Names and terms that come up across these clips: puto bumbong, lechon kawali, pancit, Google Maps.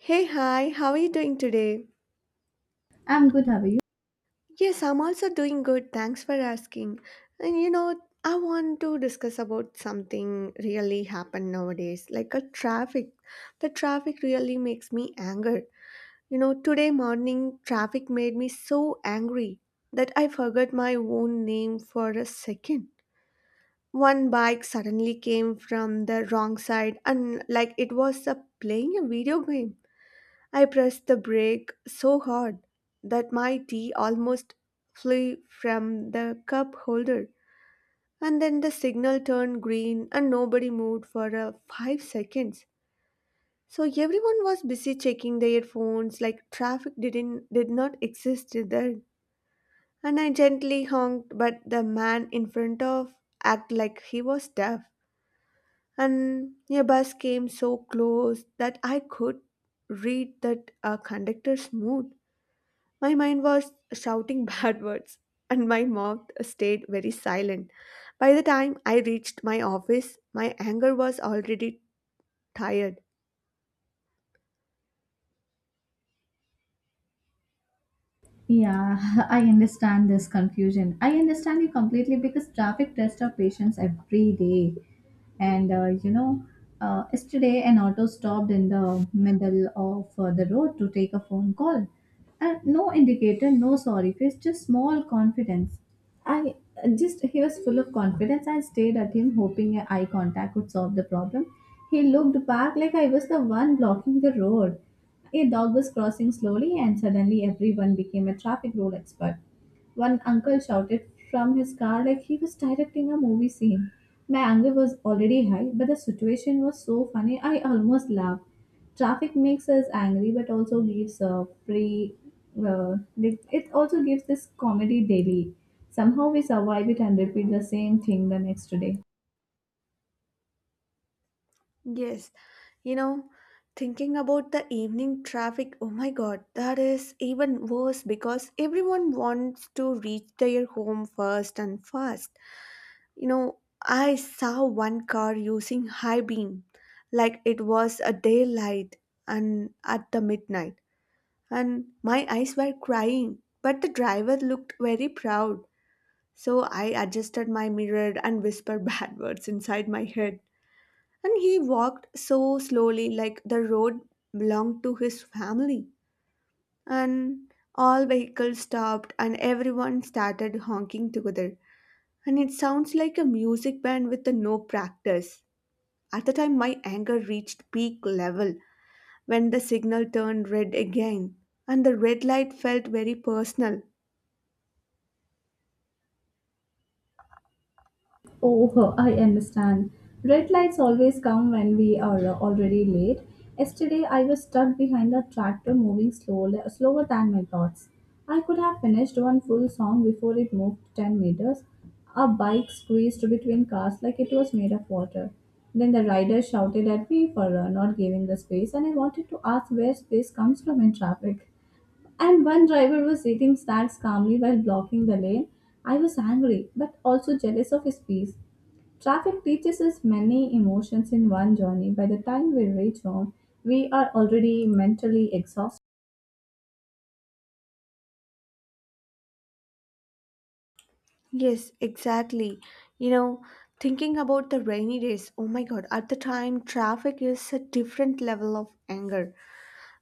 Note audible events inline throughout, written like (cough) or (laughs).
Hey, hi, how are you doing today? I'm good, how are you? Yes, I'm also doing good. Thanks for asking. And you know, I want to discuss about something really happened nowadays, like a traffic. The traffic really makes me angry. You know, today morning traffic made me so angry that I forgot my own name for a second. One bike suddenly came from the wrong side and like it was playing a video game. I pressed the brake so hard that my tea almost flew from the cup holder. And then the signal turned green and nobody moved for 5 seconds. So everyone was busy checking their phones like traffic did not exist there. And I gently honked, but the man in front of acted like he was deaf. And a bus came so close that I could read that conductor's mood. My mind was shouting (laughs) bad words, and my mouth stayed very silent. By the time I reached my office, my anger was already tired. Yeah, (laughs) I understand this confusion. I understand you completely because traffic tests our patience every day. And uh, you know, Yesterday an auto stopped in the middle of the road to take a phone call. And no indicator, no sorry face, just small confidence. I he was full of confidence. I stared at him, hoping a eye contact would solve the problem. He looked back like I was the one blocking the road. A dog was crossing slowly, and suddenly everyone became a traffic rule expert. One uncle shouted from his car like he was directing a movie scene. My anger was already high, but the situation was so funny I almost laughed. Traffic makes us angry, but also gives a free. Like it also gives this comedy daily. Somehow we survive it and repeat the same thing the next day. Yes, you know, thinking about the evening traffic, oh my god, that is even worse because everyone wants to reach their home first and fast. You know, I saw one car using high beam like it was a daylight and at the midnight, and my eyes were crying. But the driver looked very proud, so I adjusted my mirror and whispered (laughs) bad words inside my head. And he walked so slowly, like the road belonged to his family. And all vehicles stopped, and everyone started honking together. And it sounds like a music band with the no practice. At the time, my anger reached peak level when the signal turned red again, and the red light felt very personal. Oh, (laughs) I understand. Red lights always come when we are already late. Yesterday, I was stuck behind a tractor moving slowly, slower than my thoughts. I could have finished one full song before it moved 10 meters. A bike squeezed between cars like it was made of water. Then the rider shouted at me for not giving the space, and I wanted to ask where space comes from in traffic, and one driver was eating snacks calmly while blocking the lane. I was angry but also jealous of his peace. Traffic teaches us many emotions in one journey. By the time we reach home, we are already mentally exhausted. Yes, exactly. You know, thinking about the rainy days, oh my god, at the time traffic is a different level of anger.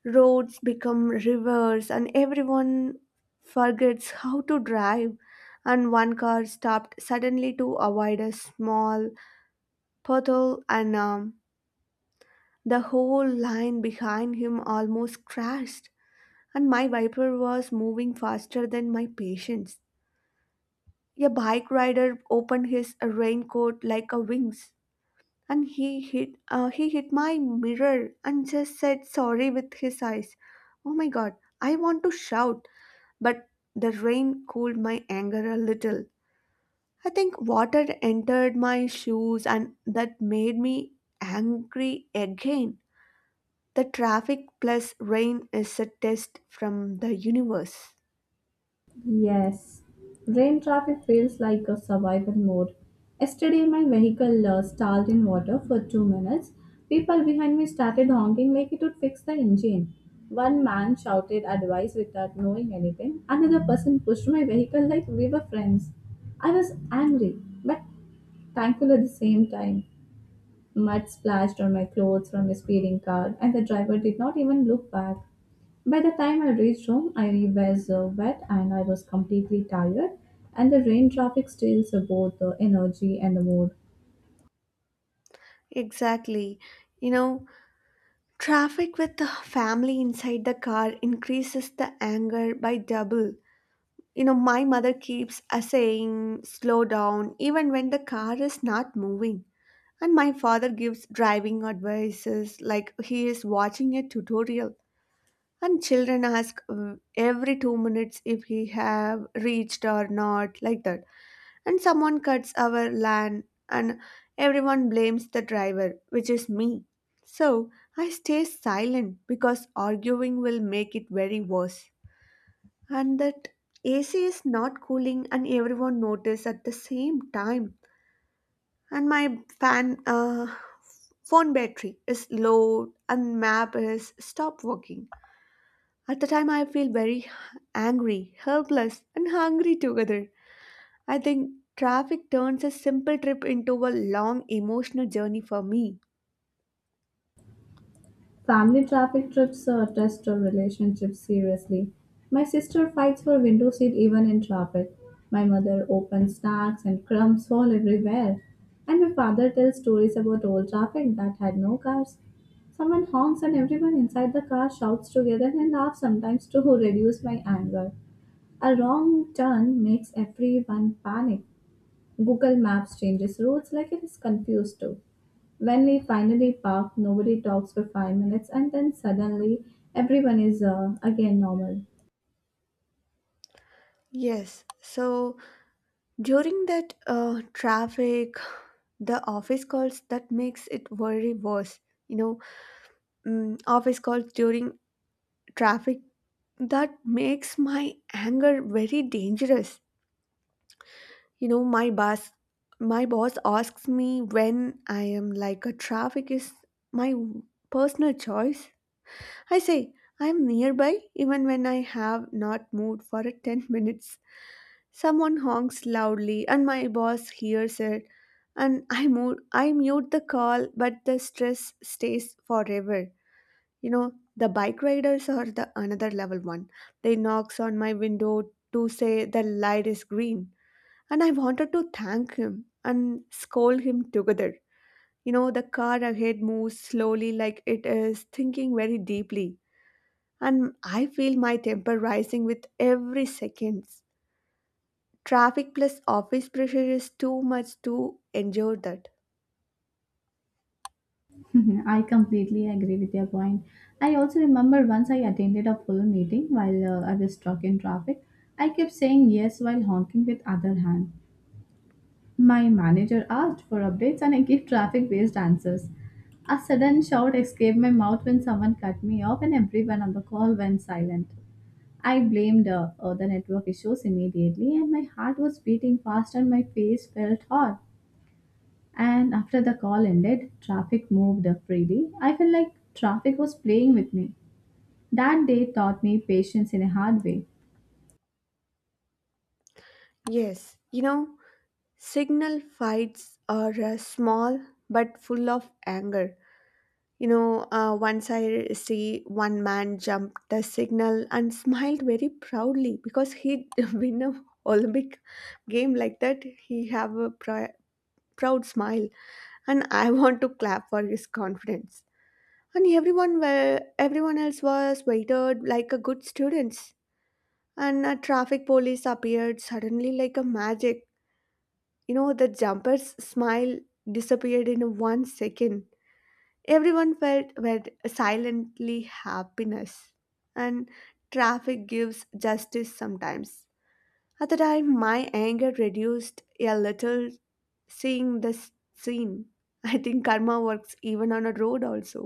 Roads become rivers and everyone forgets how to drive. And one car stopped suddenly to avoid a small puddle and the whole line behind him almost crashed. And my viper was moving faster than my patience. A bike rider opened his raincoat like a wings, and he hit my mirror and just said sorry with his eyes. Oh my god, I want to shout, but the rain cooled my anger a little. I think water entered my shoes and that made me angry again. The traffic plus rain is a test from the universe. Yes, rain traffic feels like a survival mode. Yesterday, my vehicle stalled in water for 2 minutes. People behind me started honking like it would fix the engine. One man shouted advice without knowing anything. Another person pushed my vehicle like we were friends. I was angry, but thankful at the same time. Mud splashed on my clothes from a speeding car, and the driver did not even look back. By the time I reached home, I was wet and I was completely tired, and the rain traffic steals both the energy and the mood. Exactly. You know, traffic with the family inside the car increases the anger by double. You know, my mother keeps saying, slow down, even when the car is not moving. And my father gives driving advices like he is watching a tutorial. And children ask every 2 minutes if he have reached or not, like that, and someone cuts our land and everyone blames the driver, which is me. So I stay silent because arguing will make it very worse. And that AC is not cooling and everyone notice at the same time. And my fan phone battery is low and map is stop working. At the time I feel very angry, helpless and hungry together. I think traffic turns a simple trip into a long emotional journey for me. Family traffic trips test a relationship seriously. My sister fights for window seat even in traffic. My mother opens snacks and crumbs fall everywhere. And my father tells stories about old traffic that had no cars. Someone honks and everyone inside the car shouts together and laughs sometimes to (laughs) reduce my anger. A wrong turn makes everyone panic. Google Maps changes routes like it is confused too. When we finally park, nobody talks for 5 minutes, and then suddenly everyone is again normal. Yes. So during that traffic, the office calls that makes it very worse. You know, office calls during traffic that makes my anger very dangerous. You know, my boss asks me when I am like a traffic is my personal choice. I say, I am nearby even when I have not moved for a 10 minutes. Someone honks loudly and my boss hears it and I mute the call but the stress stays forever. You know, the bike riders are the another level one. They knocks on my window to say the light is green and I wanted to thank him and scold him together. You know, the car ahead moves slowly like it is thinking very deeply and I feel my temper rising with every seconds. Traffic plus office pressure is too much to endure that. (laughs) I completely agree with your point. I also remember once I attended a full meeting while I was stuck in traffic. I kept saying yes while honking with other hand. My manager asked for updates and I gave traffic based answers. A sudden shout escaped my mouth when someone cut me off and everyone on the call went silent. I blamed the network issues immediately and my heart was beating fast and my face felt hot. And after the call ended, traffic moved freely. I felt like traffic was playing with me. That day taught me patience in a hard way. Yes, you know, signal fights are small but full of anger. You know, once I see one man jump the signal and smiled very proudly because he (laughs) win a Olympic game like that. He have a pri- proud smile, and I (laughs) want to clap for his confidence. And everyone else was waited like a good students, and a traffic police appeared suddenly like a magic. You know, the jumper's smile disappeared in one second. Everyone felt were silently happiness, and traffic gives justice sometimes. At the time my anger reduced a little seeing this scene. (laughs) I think karma works even on a road also.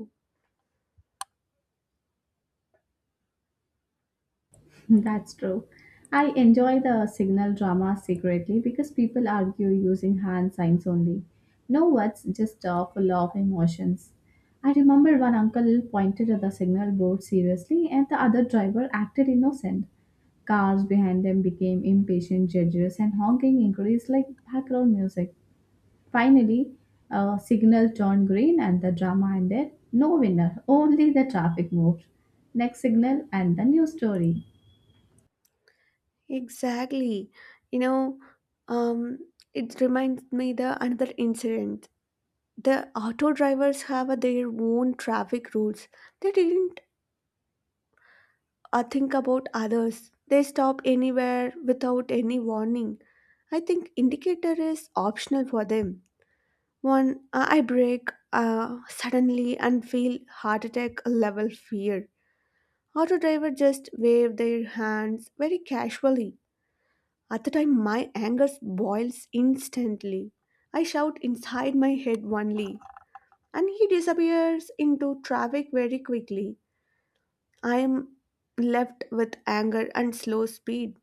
That's true. I enjoy the signal drama secretly because people argue using hand signs only. No words, just full of emotions. I remember one uncle pointed at the signal board seriously, and the other driver acted innocent. Cars behind them became impatient judges, and honking increased like background music. Finally, a signal turned green, and the drama ended. No winner, only the traffic moved. Next signal, and the new story. Exactly. You know, um, it reminds me the another incident. The auto drivers have their own traffic rules. They didn't think about others. They stop anywhere without any warning. I think indicator is optional for them. I brake suddenly and feel heart attack level fear. Auto driver just wave their hands very casually. At the time, my anger boils instantly. I shout inside my head only, and he disappears into traffic very quickly. I am left with anger and slow speed.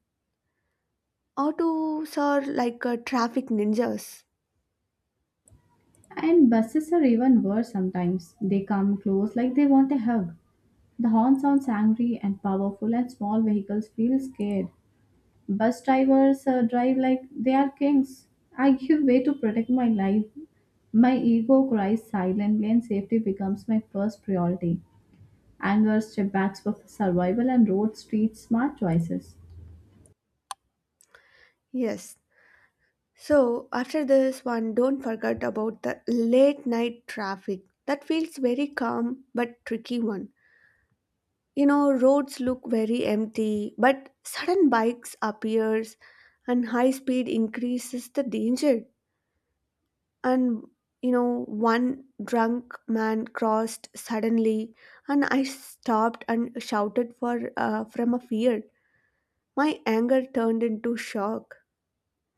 Autos are like traffic ninjas. And buses are even worse sometimes. They come close like they want a hug. The horn sounds angry and powerful, and small vehicles feel scared. Bus drivers drive like they are kings. I give way to protect my life. My ego cries silently, and safety becomes my first priority. Anger, step backs for survival, and road street smart choices. Yes. So, after this one, don't forget about the late night traffic. That feels very calm but tricky one. You know, roads look very empty, but sudden bikes appears and high speed increases the danger. And you know, one drunk man crossed suddenly and I stopped and shouted for from a fear. My anger turned into shock.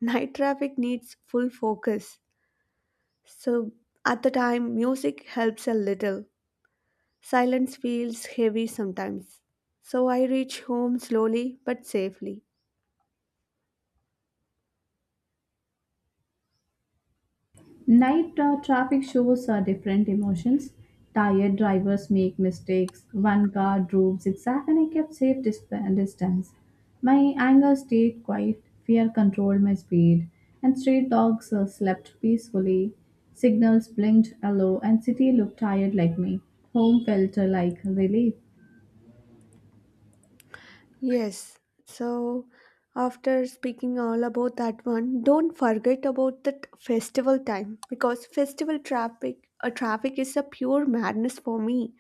Night traffic needs full focus. So at the time music helps a little. Silence feels heavy sometimes. So I reach home slowly but safely. Night traffic shows different emotions. Tired drivers make mistakes. One car drove zigzag and I kept safe distance. My anger stayed quiet. Fear controlled my speed. And street dogs slept peacefully. Signals blinked yellow and city looked tired like me. Home felt like relief. Yes. So, after speaking all about that one, don't forget about that festival time because traffic is a pure madness for me.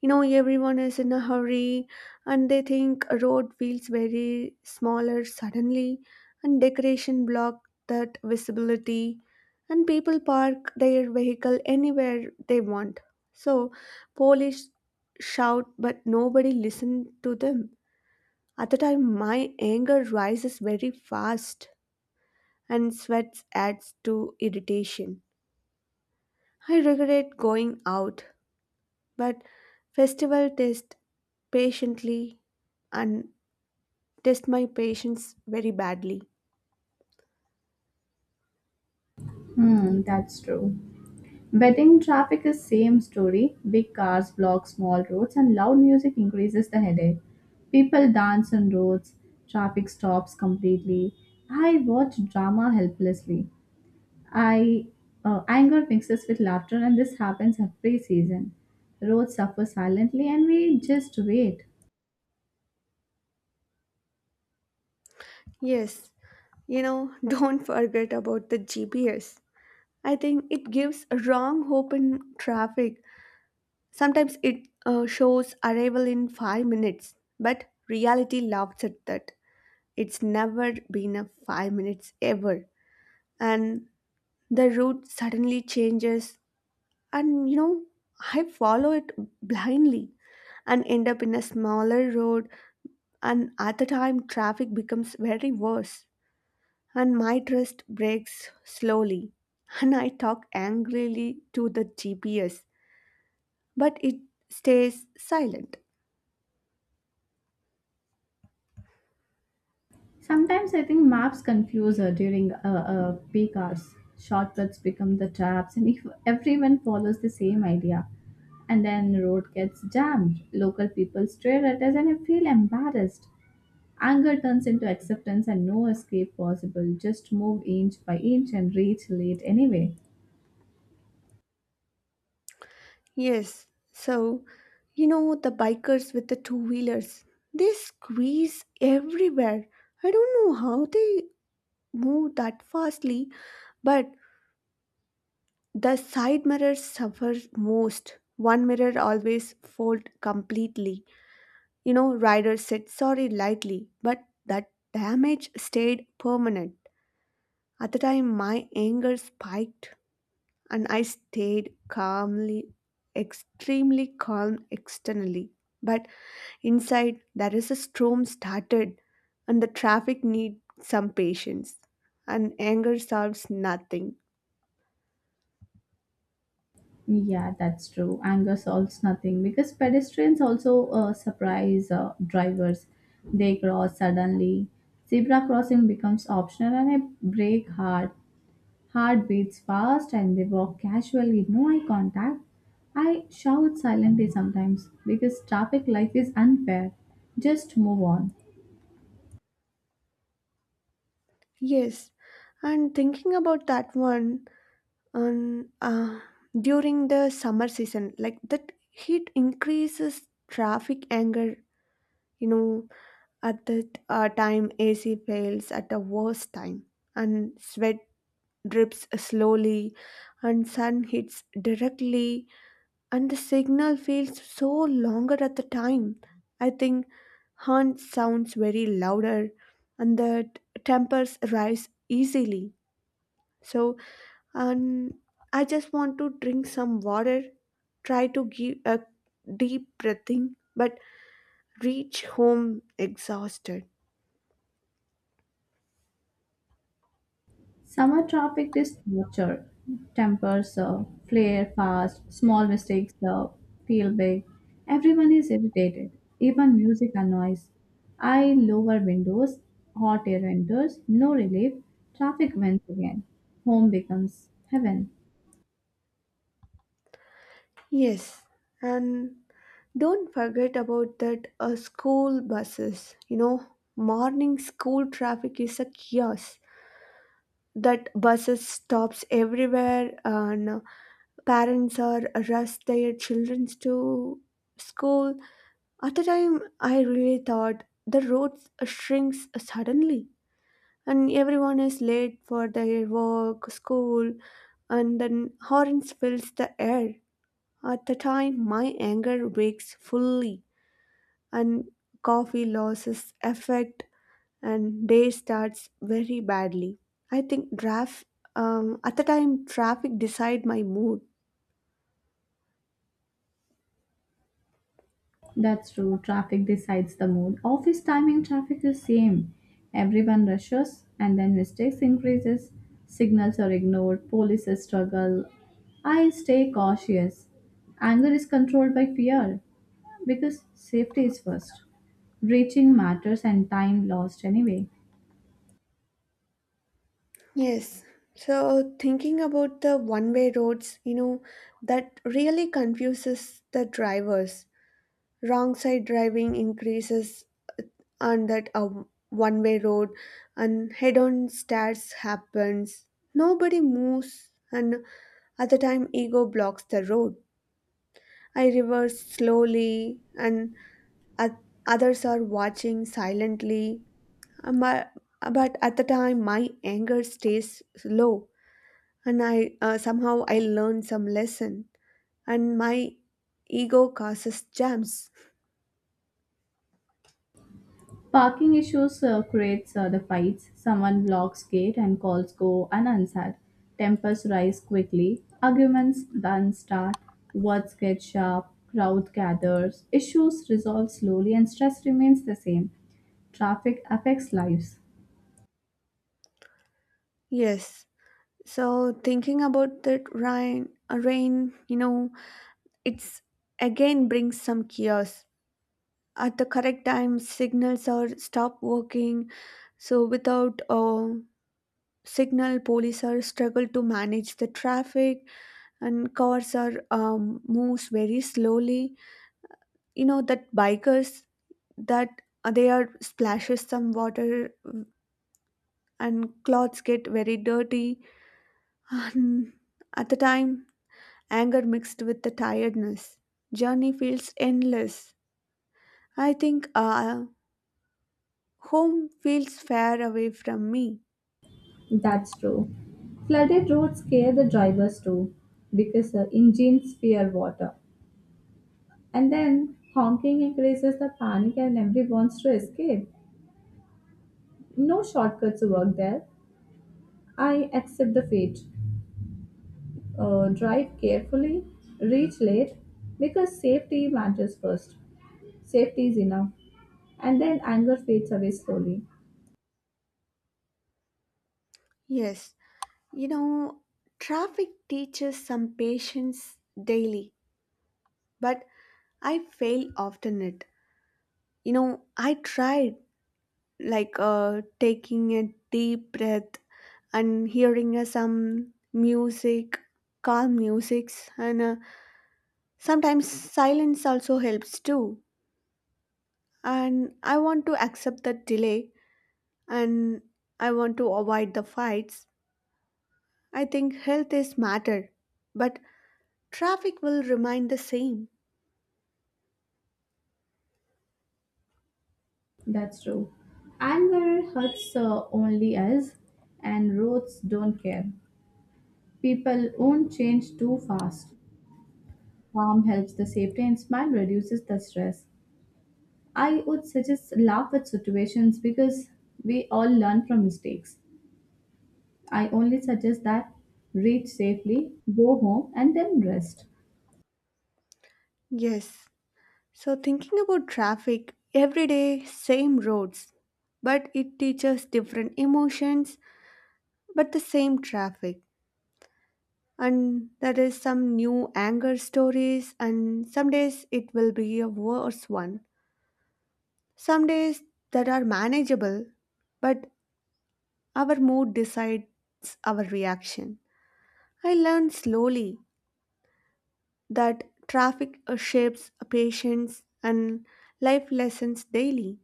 You know, everyone is in a hurry and they think a road feels very smaller suddenly and decoration block that visibility and people park their vehicle anywhere they want. So, police shout but nobody listen to them. At the time, my anger rises very fast and sweat adds to irritation. I regret going out, but festival test patiently and test my patience very badly. Hmm, that's true. Wedding traffic is same story. Big cars block small roads and loud music increases the headache. People dance on roads, traffic stops completely. I watch drama helplessly. I Anger mixes with laughter and this happens every season. Roads suffer silently and we just wait. Yes, you know, (laughs) don't forget about the GPS. I think it gives a wrong hope in traffic. Sometimes it shows arrival in 5 minutes, but reality laughs at that. It's never been a 5 minutes ever. And the route suddenly changes, and you know, I follow it blindly and end up in a smaller road, and at the time, traffic becomes very worse, and my trust breaks slowly. And I talk angrily to the GPS, but it stays silent. Sometimes I think maps confuse her during peak hours. Shortcuts become the traps, and if everyone follows the same idea, and then road gets jammed, local people stare at us, and I feel embarrassed. Anger turns into acceptance, and no escape possible. Just move inch by inch and reach late anyway. Yes, so you know the bikers with the two wheelers, they squeeze everywhere. I don't know how they move that fastly, but the side mirrors suffer most. One mirror always fold completely. You know, riders said sorry lightly, but that damage stayed permanent. At the time, my anger spiked, and I stayed calmly, extremely calm externally. But inside, there is a storm started, and the traffic needs some patience, and anger solves nothing. Yeah, that's true. Anger solves nothing because pedestrians also surprise drivers. They cross suddenly. Zebra crossing becomes optional and I brake hard. Heart beats fast and they walk casually, no eye contact. I shout silently sometimes because traffic life is unfair. Just move on. Yes, and thinking about that one, and during the summer season, like that heat increases traffic anger. You know, at that time, AC fails at the worst time, and sweat drips slowly, and sun hits directly and the signal feels so longer at the time. I think Hunt sounds very louder and tempers rise easily. So, and I just want to drink some water, try to give a deep breathing, but reach home exhausted. Summer traffic is torture. Tempers flare fast, small mistakes feel big. Everyone is irritated, even music annoys. I lower windows, hot air enters, no relief. Traffic wins again. Home becomes heaven. Yes, and don't forget about that school buses. You know, morning school traffic is a chaos. That buses stops everywhere and parents are rush their children to school. At the time I really thought the roads shrinks suddenly and everyone is late for their work school and then horns fills the air. At the time my anger wakes fully and coffee loses effect and day starts very badly. I think draft At the time traffic decide my mood. That's true. Traffic decides the mood. Office timing traffic is same. Everyone rushes and then mistakes increases. Signals are ignored. Police struggle. I stay cautious. Anger is controlled by fear because safety is first. Reaching matters and time lost anyway. Yes. So thinking about the one-way roads, you know, that really confuses the drivers. Wrong side driving increases on that one-way road, and head-on starts happens. Nobody moves, and at the time ego blocks the road. I reverse slowly and others are watching silently. Um, uh, But at the time, my anger stays low, and I somehow I learn some lesson, and my ego causes jams. Parking issues creates the fights. Someone locks gate and calls go unanswered. Tempers rise quickly. Arguments then start. Words get sharp. Crowd gathers. Issues resolve slowly and stress remains the same. Traffic affects lives. Yes. So thinking about that rain, you know, it's again brings some chaos. At the correct time, signals are stop working. So without a signal, police are struggle to manage the traffic and cars are moves very slowly, you know that bikers that they are splashes some water and clothes get very dirty. And at the time, anger mixed with the tiredness, journey feels endless. I think home feels far away from me. That's true. Flooded roads scare the drivers too because the engines fear water. And then honking increases the panic and everyone wants to escape. No shortcuts work there. I accept the fate. Drive carefully, reach late, because safety matters first. Safety is enough. And then anger fades away slowly. Yes, you know, traffic teaches some patience daily, but I fail often it, you know. I tried like taking a deep breath and hearing some music, calm musics, and sometimes silence also helps too. And I want to accept the delay, and I want to avoid the fights. I think health is matter, but traffic will remain the same. That's true. Anger hurts only us, and roads don't care. People won't change too fast. Calm helps the safety, and smile reduces the stress. I would suggest laugh at situations because we all learn from mistakes. I only suggest that reach safely, go home, and then rest. Yes. So thinking about traffic, every day same roads, but it teaches different emotions, but the same traffic. And there is some new anger stories and some days it will be a worse one, some days that are manageable, but our mood decides our reaction. I learned slowly that traffic shapes patience and life lessons daily.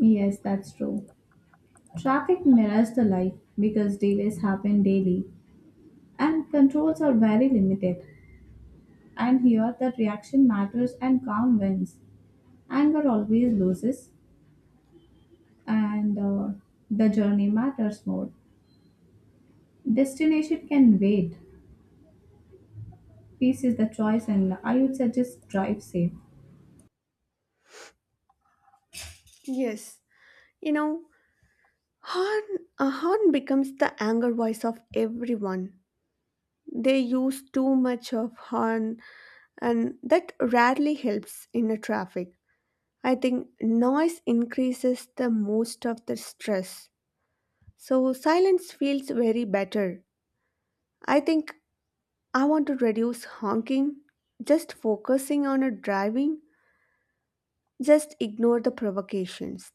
Yes, that's true. Traffic mirrors the life because delays happen daily and controls are very limited. And here, the reaction matters and calm wins. Anger always loses, and the journey matters more. Destination can wait. Peace is the choice, and I would suggest drive safe. Yes, you know, horn a horn becomes the anger voice of everyone. They use too much of horn, and that rarely helps in a traffic. I think noise increases the most of the stress. So silence feels very better. I think I want to reduce honking, just focusing on a driving, just ignore the provocations.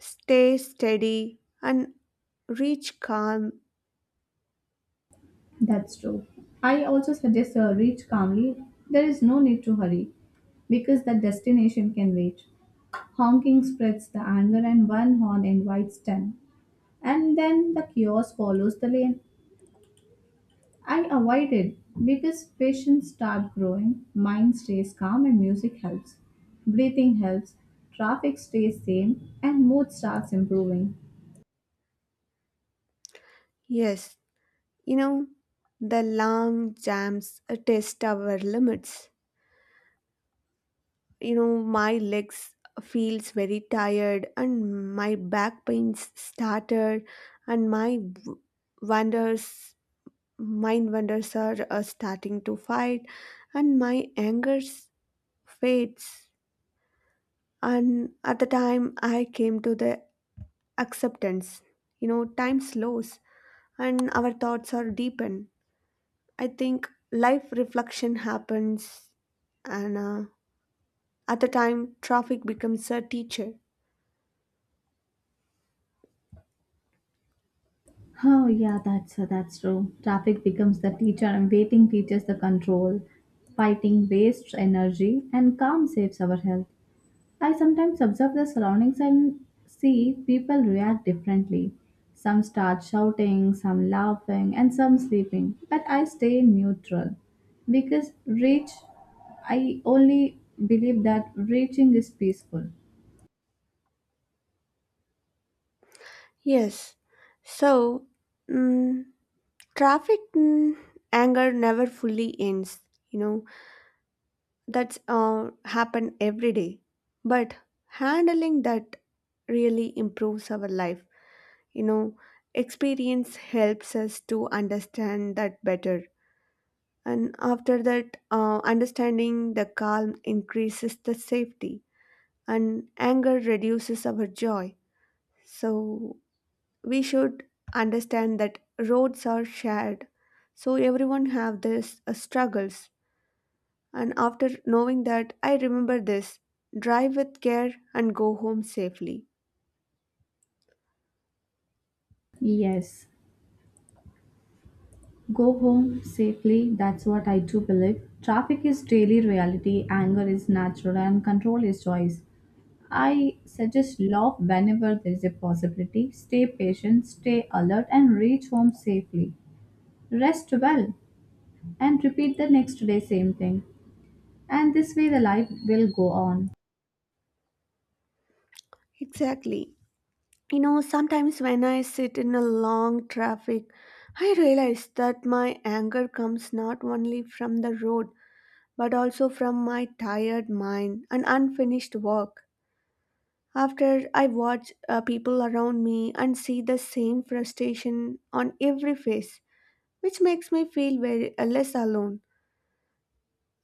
Stay steady and reach calm. That's true. I also suggest a reach calmly. There is no need to hurry because the destination can wait. Honking spreads the anger and one horn invites ten. And then the chaos follows the lane. I avoid it because patience start growing, mind stays calm and music helps. Breathing helps, traffic stays same and mood starts improving. Yes, you know, the long jams test our limits. You know my legs feels very tired and my back pains started, and wonders, mind wonders are starting to fight, and fades. And at the time I came to the acceptance. You know, time slows and our thoughts are deepened. I think life reflection happens, and at the time traffic becomes a teacher. Oh yeah, that's true. Traffic becomes the teacher, and waiting teaches the control. Fighting wastes energy, and calm saves our health. I sometimes observe the surroundings and see people react differently. Some start shouting, some laughing, and some sleeping. But I stay neutral because reach. I only believe that reaching is peaceful. Yes. So, mm, traffic anger never fully ends. You know, that's happen every day. But handling that really improves our life. You know, experience helps us to understand that better. And after that, understanding the calm increases the safety, and anger reduces our joy. So we should understand that roads are shared, so everyone have this struggles. And after knowing that, I remember this: drive with care and go home safely. Yes, go home safely, that's what I do believe. Traffic is daily reality, anger is natural, and control is choice. I suggest laugh whenever there is a possibility, stay patient, stay alert, and reach home safely. Rest well, and repeat the next day same thing. And this way the life will go on. Exactly, you know, sometimes when I sit in a long traffic, I realize that my anger comes not only from the road, but also from my tired mind and unfinished work. After I watch people around me and see the same frustration on every face, which makes me feel very less alone.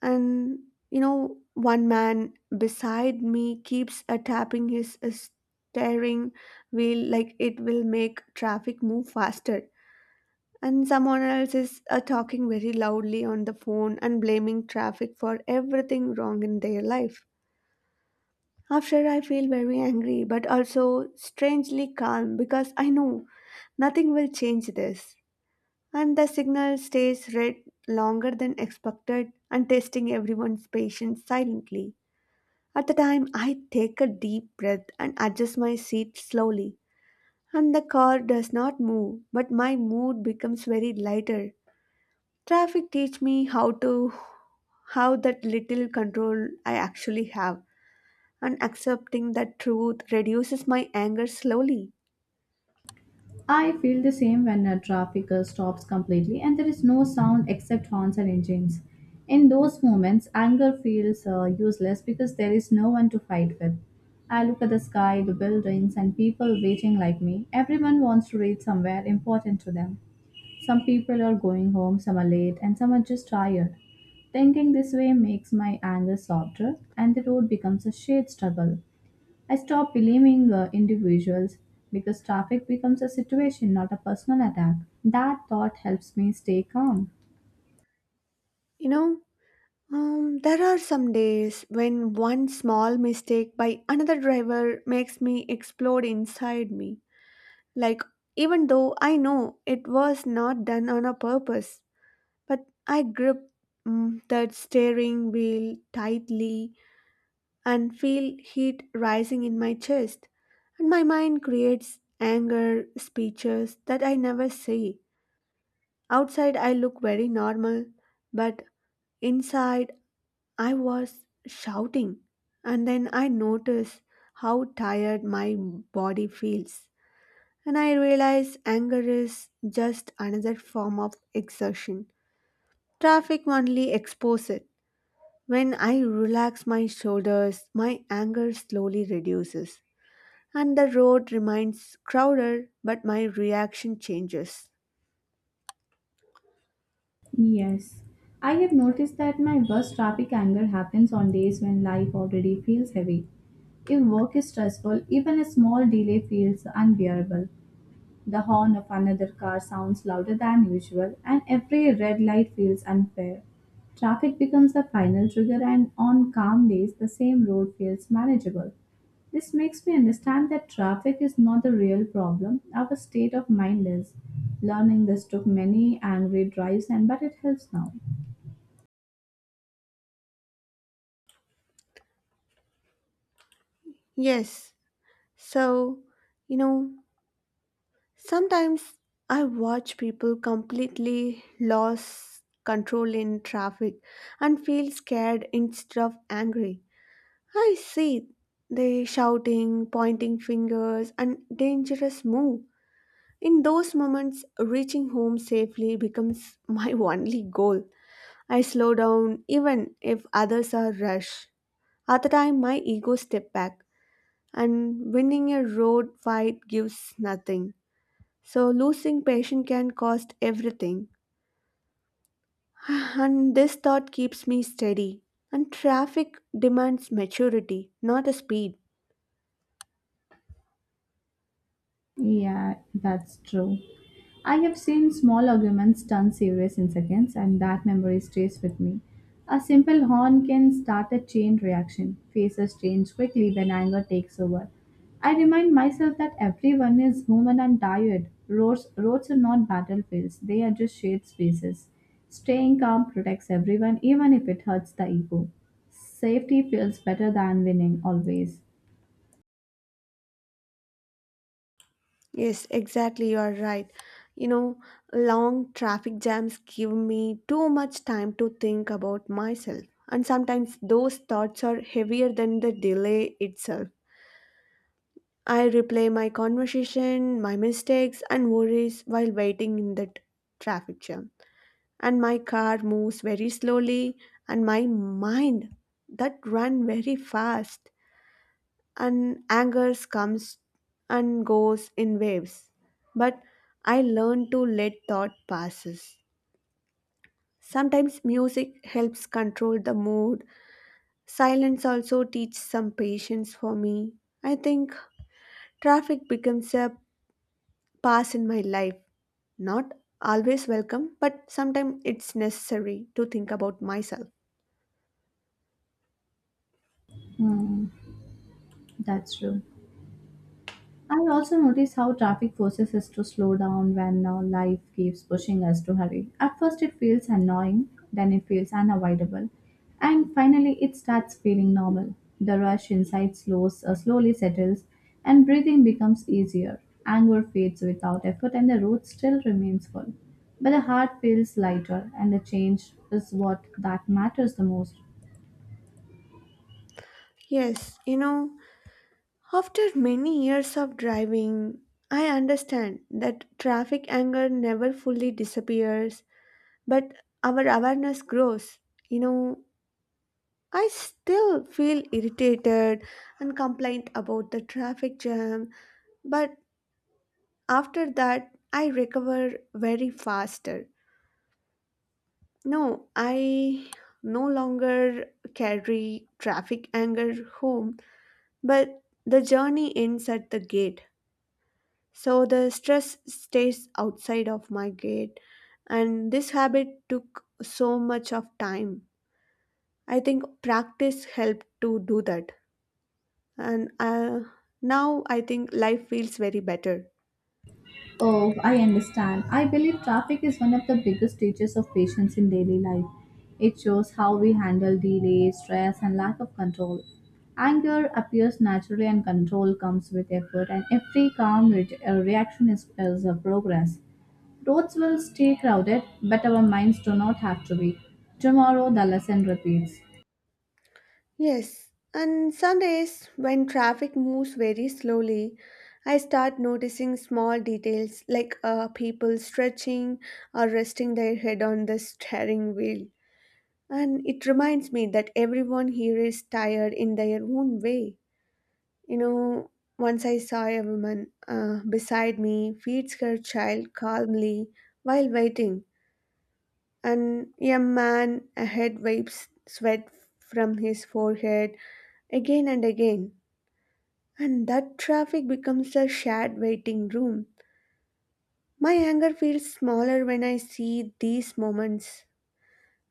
And you know, one man beside me keeps tapping his steering wheel like it will make traffic move faster. And someone else is talking very loudly on the phone and blaming traffic for everything wrong in their life. After I feel very angry but also strangely calm, because I know nothing will change this. And the signal stays red longer than expected and testing everyone's patience silently. At the time, I take a deep breath and adjust my seat slowly. And the car does not move, but my mood becomes very lighter. Traffic teach me how that little control I actually have, and accepting that truth reduces my anger slowly. I feel the same when a traffic stops completely and there is no sound except horns and engines. In those moments, anger feels useless because there is no one to fight with. I look at the sky, the buildings, and people waiting like me. Everyone wants to reach somewhere important to them. Some people are going home, some are late, and some are just tired. Thinking this way makes my anger softer, and the road becomes a shared struggle. I stopped blaming individuals because traffic becomes a situation, not a personal attack. That thought helps me stay calm. You know, there are some days when one small mistake by another driver makes me explode inside me. Like, even though I know it was not done on a purpose, but I grip, that steering wheel tightly and feel heat rising in my chest, and my mind creates anger speeches that I never say. Outside, I look very normal, but inside, I was shouting. And then I notice how tired my body feels. And I realize anger is just another form of exertion. Traffic only exposes it. When I relax my shoulders, my anger slowly reduces. And the road remains crowded, but my reaction changes. Yes. I have noticed that my worst traffic anger happens on days when life already feels heavy. If work is stressful, even a small delay feels unbearable. The horn of another car sounds louder than usual, and every red light feels unfair. Traffic becomes the final trigger, and on calm days, the same road feels manageable. This makes me understand that traffic is not the real problem, our state of mind is. Learning this took many angry drives, and but it helps now. Yes, so, you know, sometimes I watch people completely lose control in traffic and feel scared instead of angry. I see they shouting, pointing fingers, and dangerous move. In those moments, reaching home safely becomes my (laughs) only goal. I slow down even if others are rush. At the time, my ego step back, and winning a road fight gives nothing. So losing patience can cost everything. (sighs) And this thought keeps me steady. And traffic demands maturity, not a speed. Yeah, that's true. I have seen small arguments turn serious in seconds, and that memory stays with me. A simple horn can start a chain reaction. Faces change quickly when anger takes over. I remind myself that everyone is human and tired. Roads are not battlefields, they are just shared spaces. Staying calm protects everyone, even if it hurts the ego. Safety feels better than winning, always. Yes, exactly, you are right. You know, long traffic jams give me too much time to think about myself. And sometimes those thoughts are heavier than the delay itself. I replay my conversation, my mistakes, and worries while waiting in that traffic jam. And my car moves very slowly and my mind that run very fast, and anger comes and goes in waves. But I learn to let thought passes. Sometimes music helps control the mood, silence also teaches some patience for me. I think traffic becomes a pass in my life, not always welcome, but sometimes it's necessary to think about myself. Hmm, that's true. I also notice how traffic forces us to slow down when life keeps pushing us to hurry. At first, it feels annoying, then it feels unavoidable, and finally, it starts feeling normal. The rush inside slowly settles, and breathing becomes easier. Anger fades without effort, and the road still remains full. But the heart feels lighter, and the change is what that matters the most. Yes, you know, after many years of driving, I understand that traffic anger never fully disappears, but our awareness grows. You know, I still feel irritated and complain about the traffic jam, but after that, I recover very faster. No, I no longer carry traffic anger home, but the journey ends at the gate. So the stress stays outside of my gate, and this habit took so much of time. I think practice helped to do that, and now I think life feels very better. Oh, I understand. I believe traffic is one of the biggest teachers of patience in daily life. It shows how we handle delay, stress, and lack of control. Anger appears naturally, and control comes with effort, and every calm reaction is a progress. Roads will stay crowded, but our minds do not have to be. Tomorrow, the lesson repeats. Yes, and Sundays when traffic moves very slowly, I start noticing small details like people stretching or resting their head on the steering wheel. And it reminds me that everyone here is tired in their own way. You know, once I saw a woman beside me feeds her child calmly while waiting, and a man ahead wipes sweat from his forehead again and again. And that traffic becomes a shared waiting room. My anger feels smaller when I see these moments.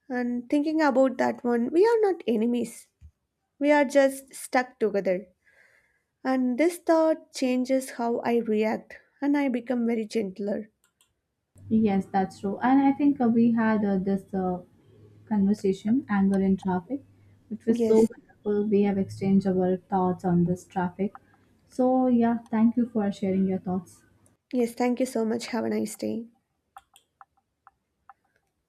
And thinking about that one, we are not enemies. We are just stuck together. And this thought changes how I react and I become very gentler. Yes, that's true. And I think we had this conversation, anger in traffic, which was so Yes, wonderful. We have exchanged our thoughts on this traffic. So, yeah, thank you for sharing your thoughts. yes, thank you so much. Have a nice day.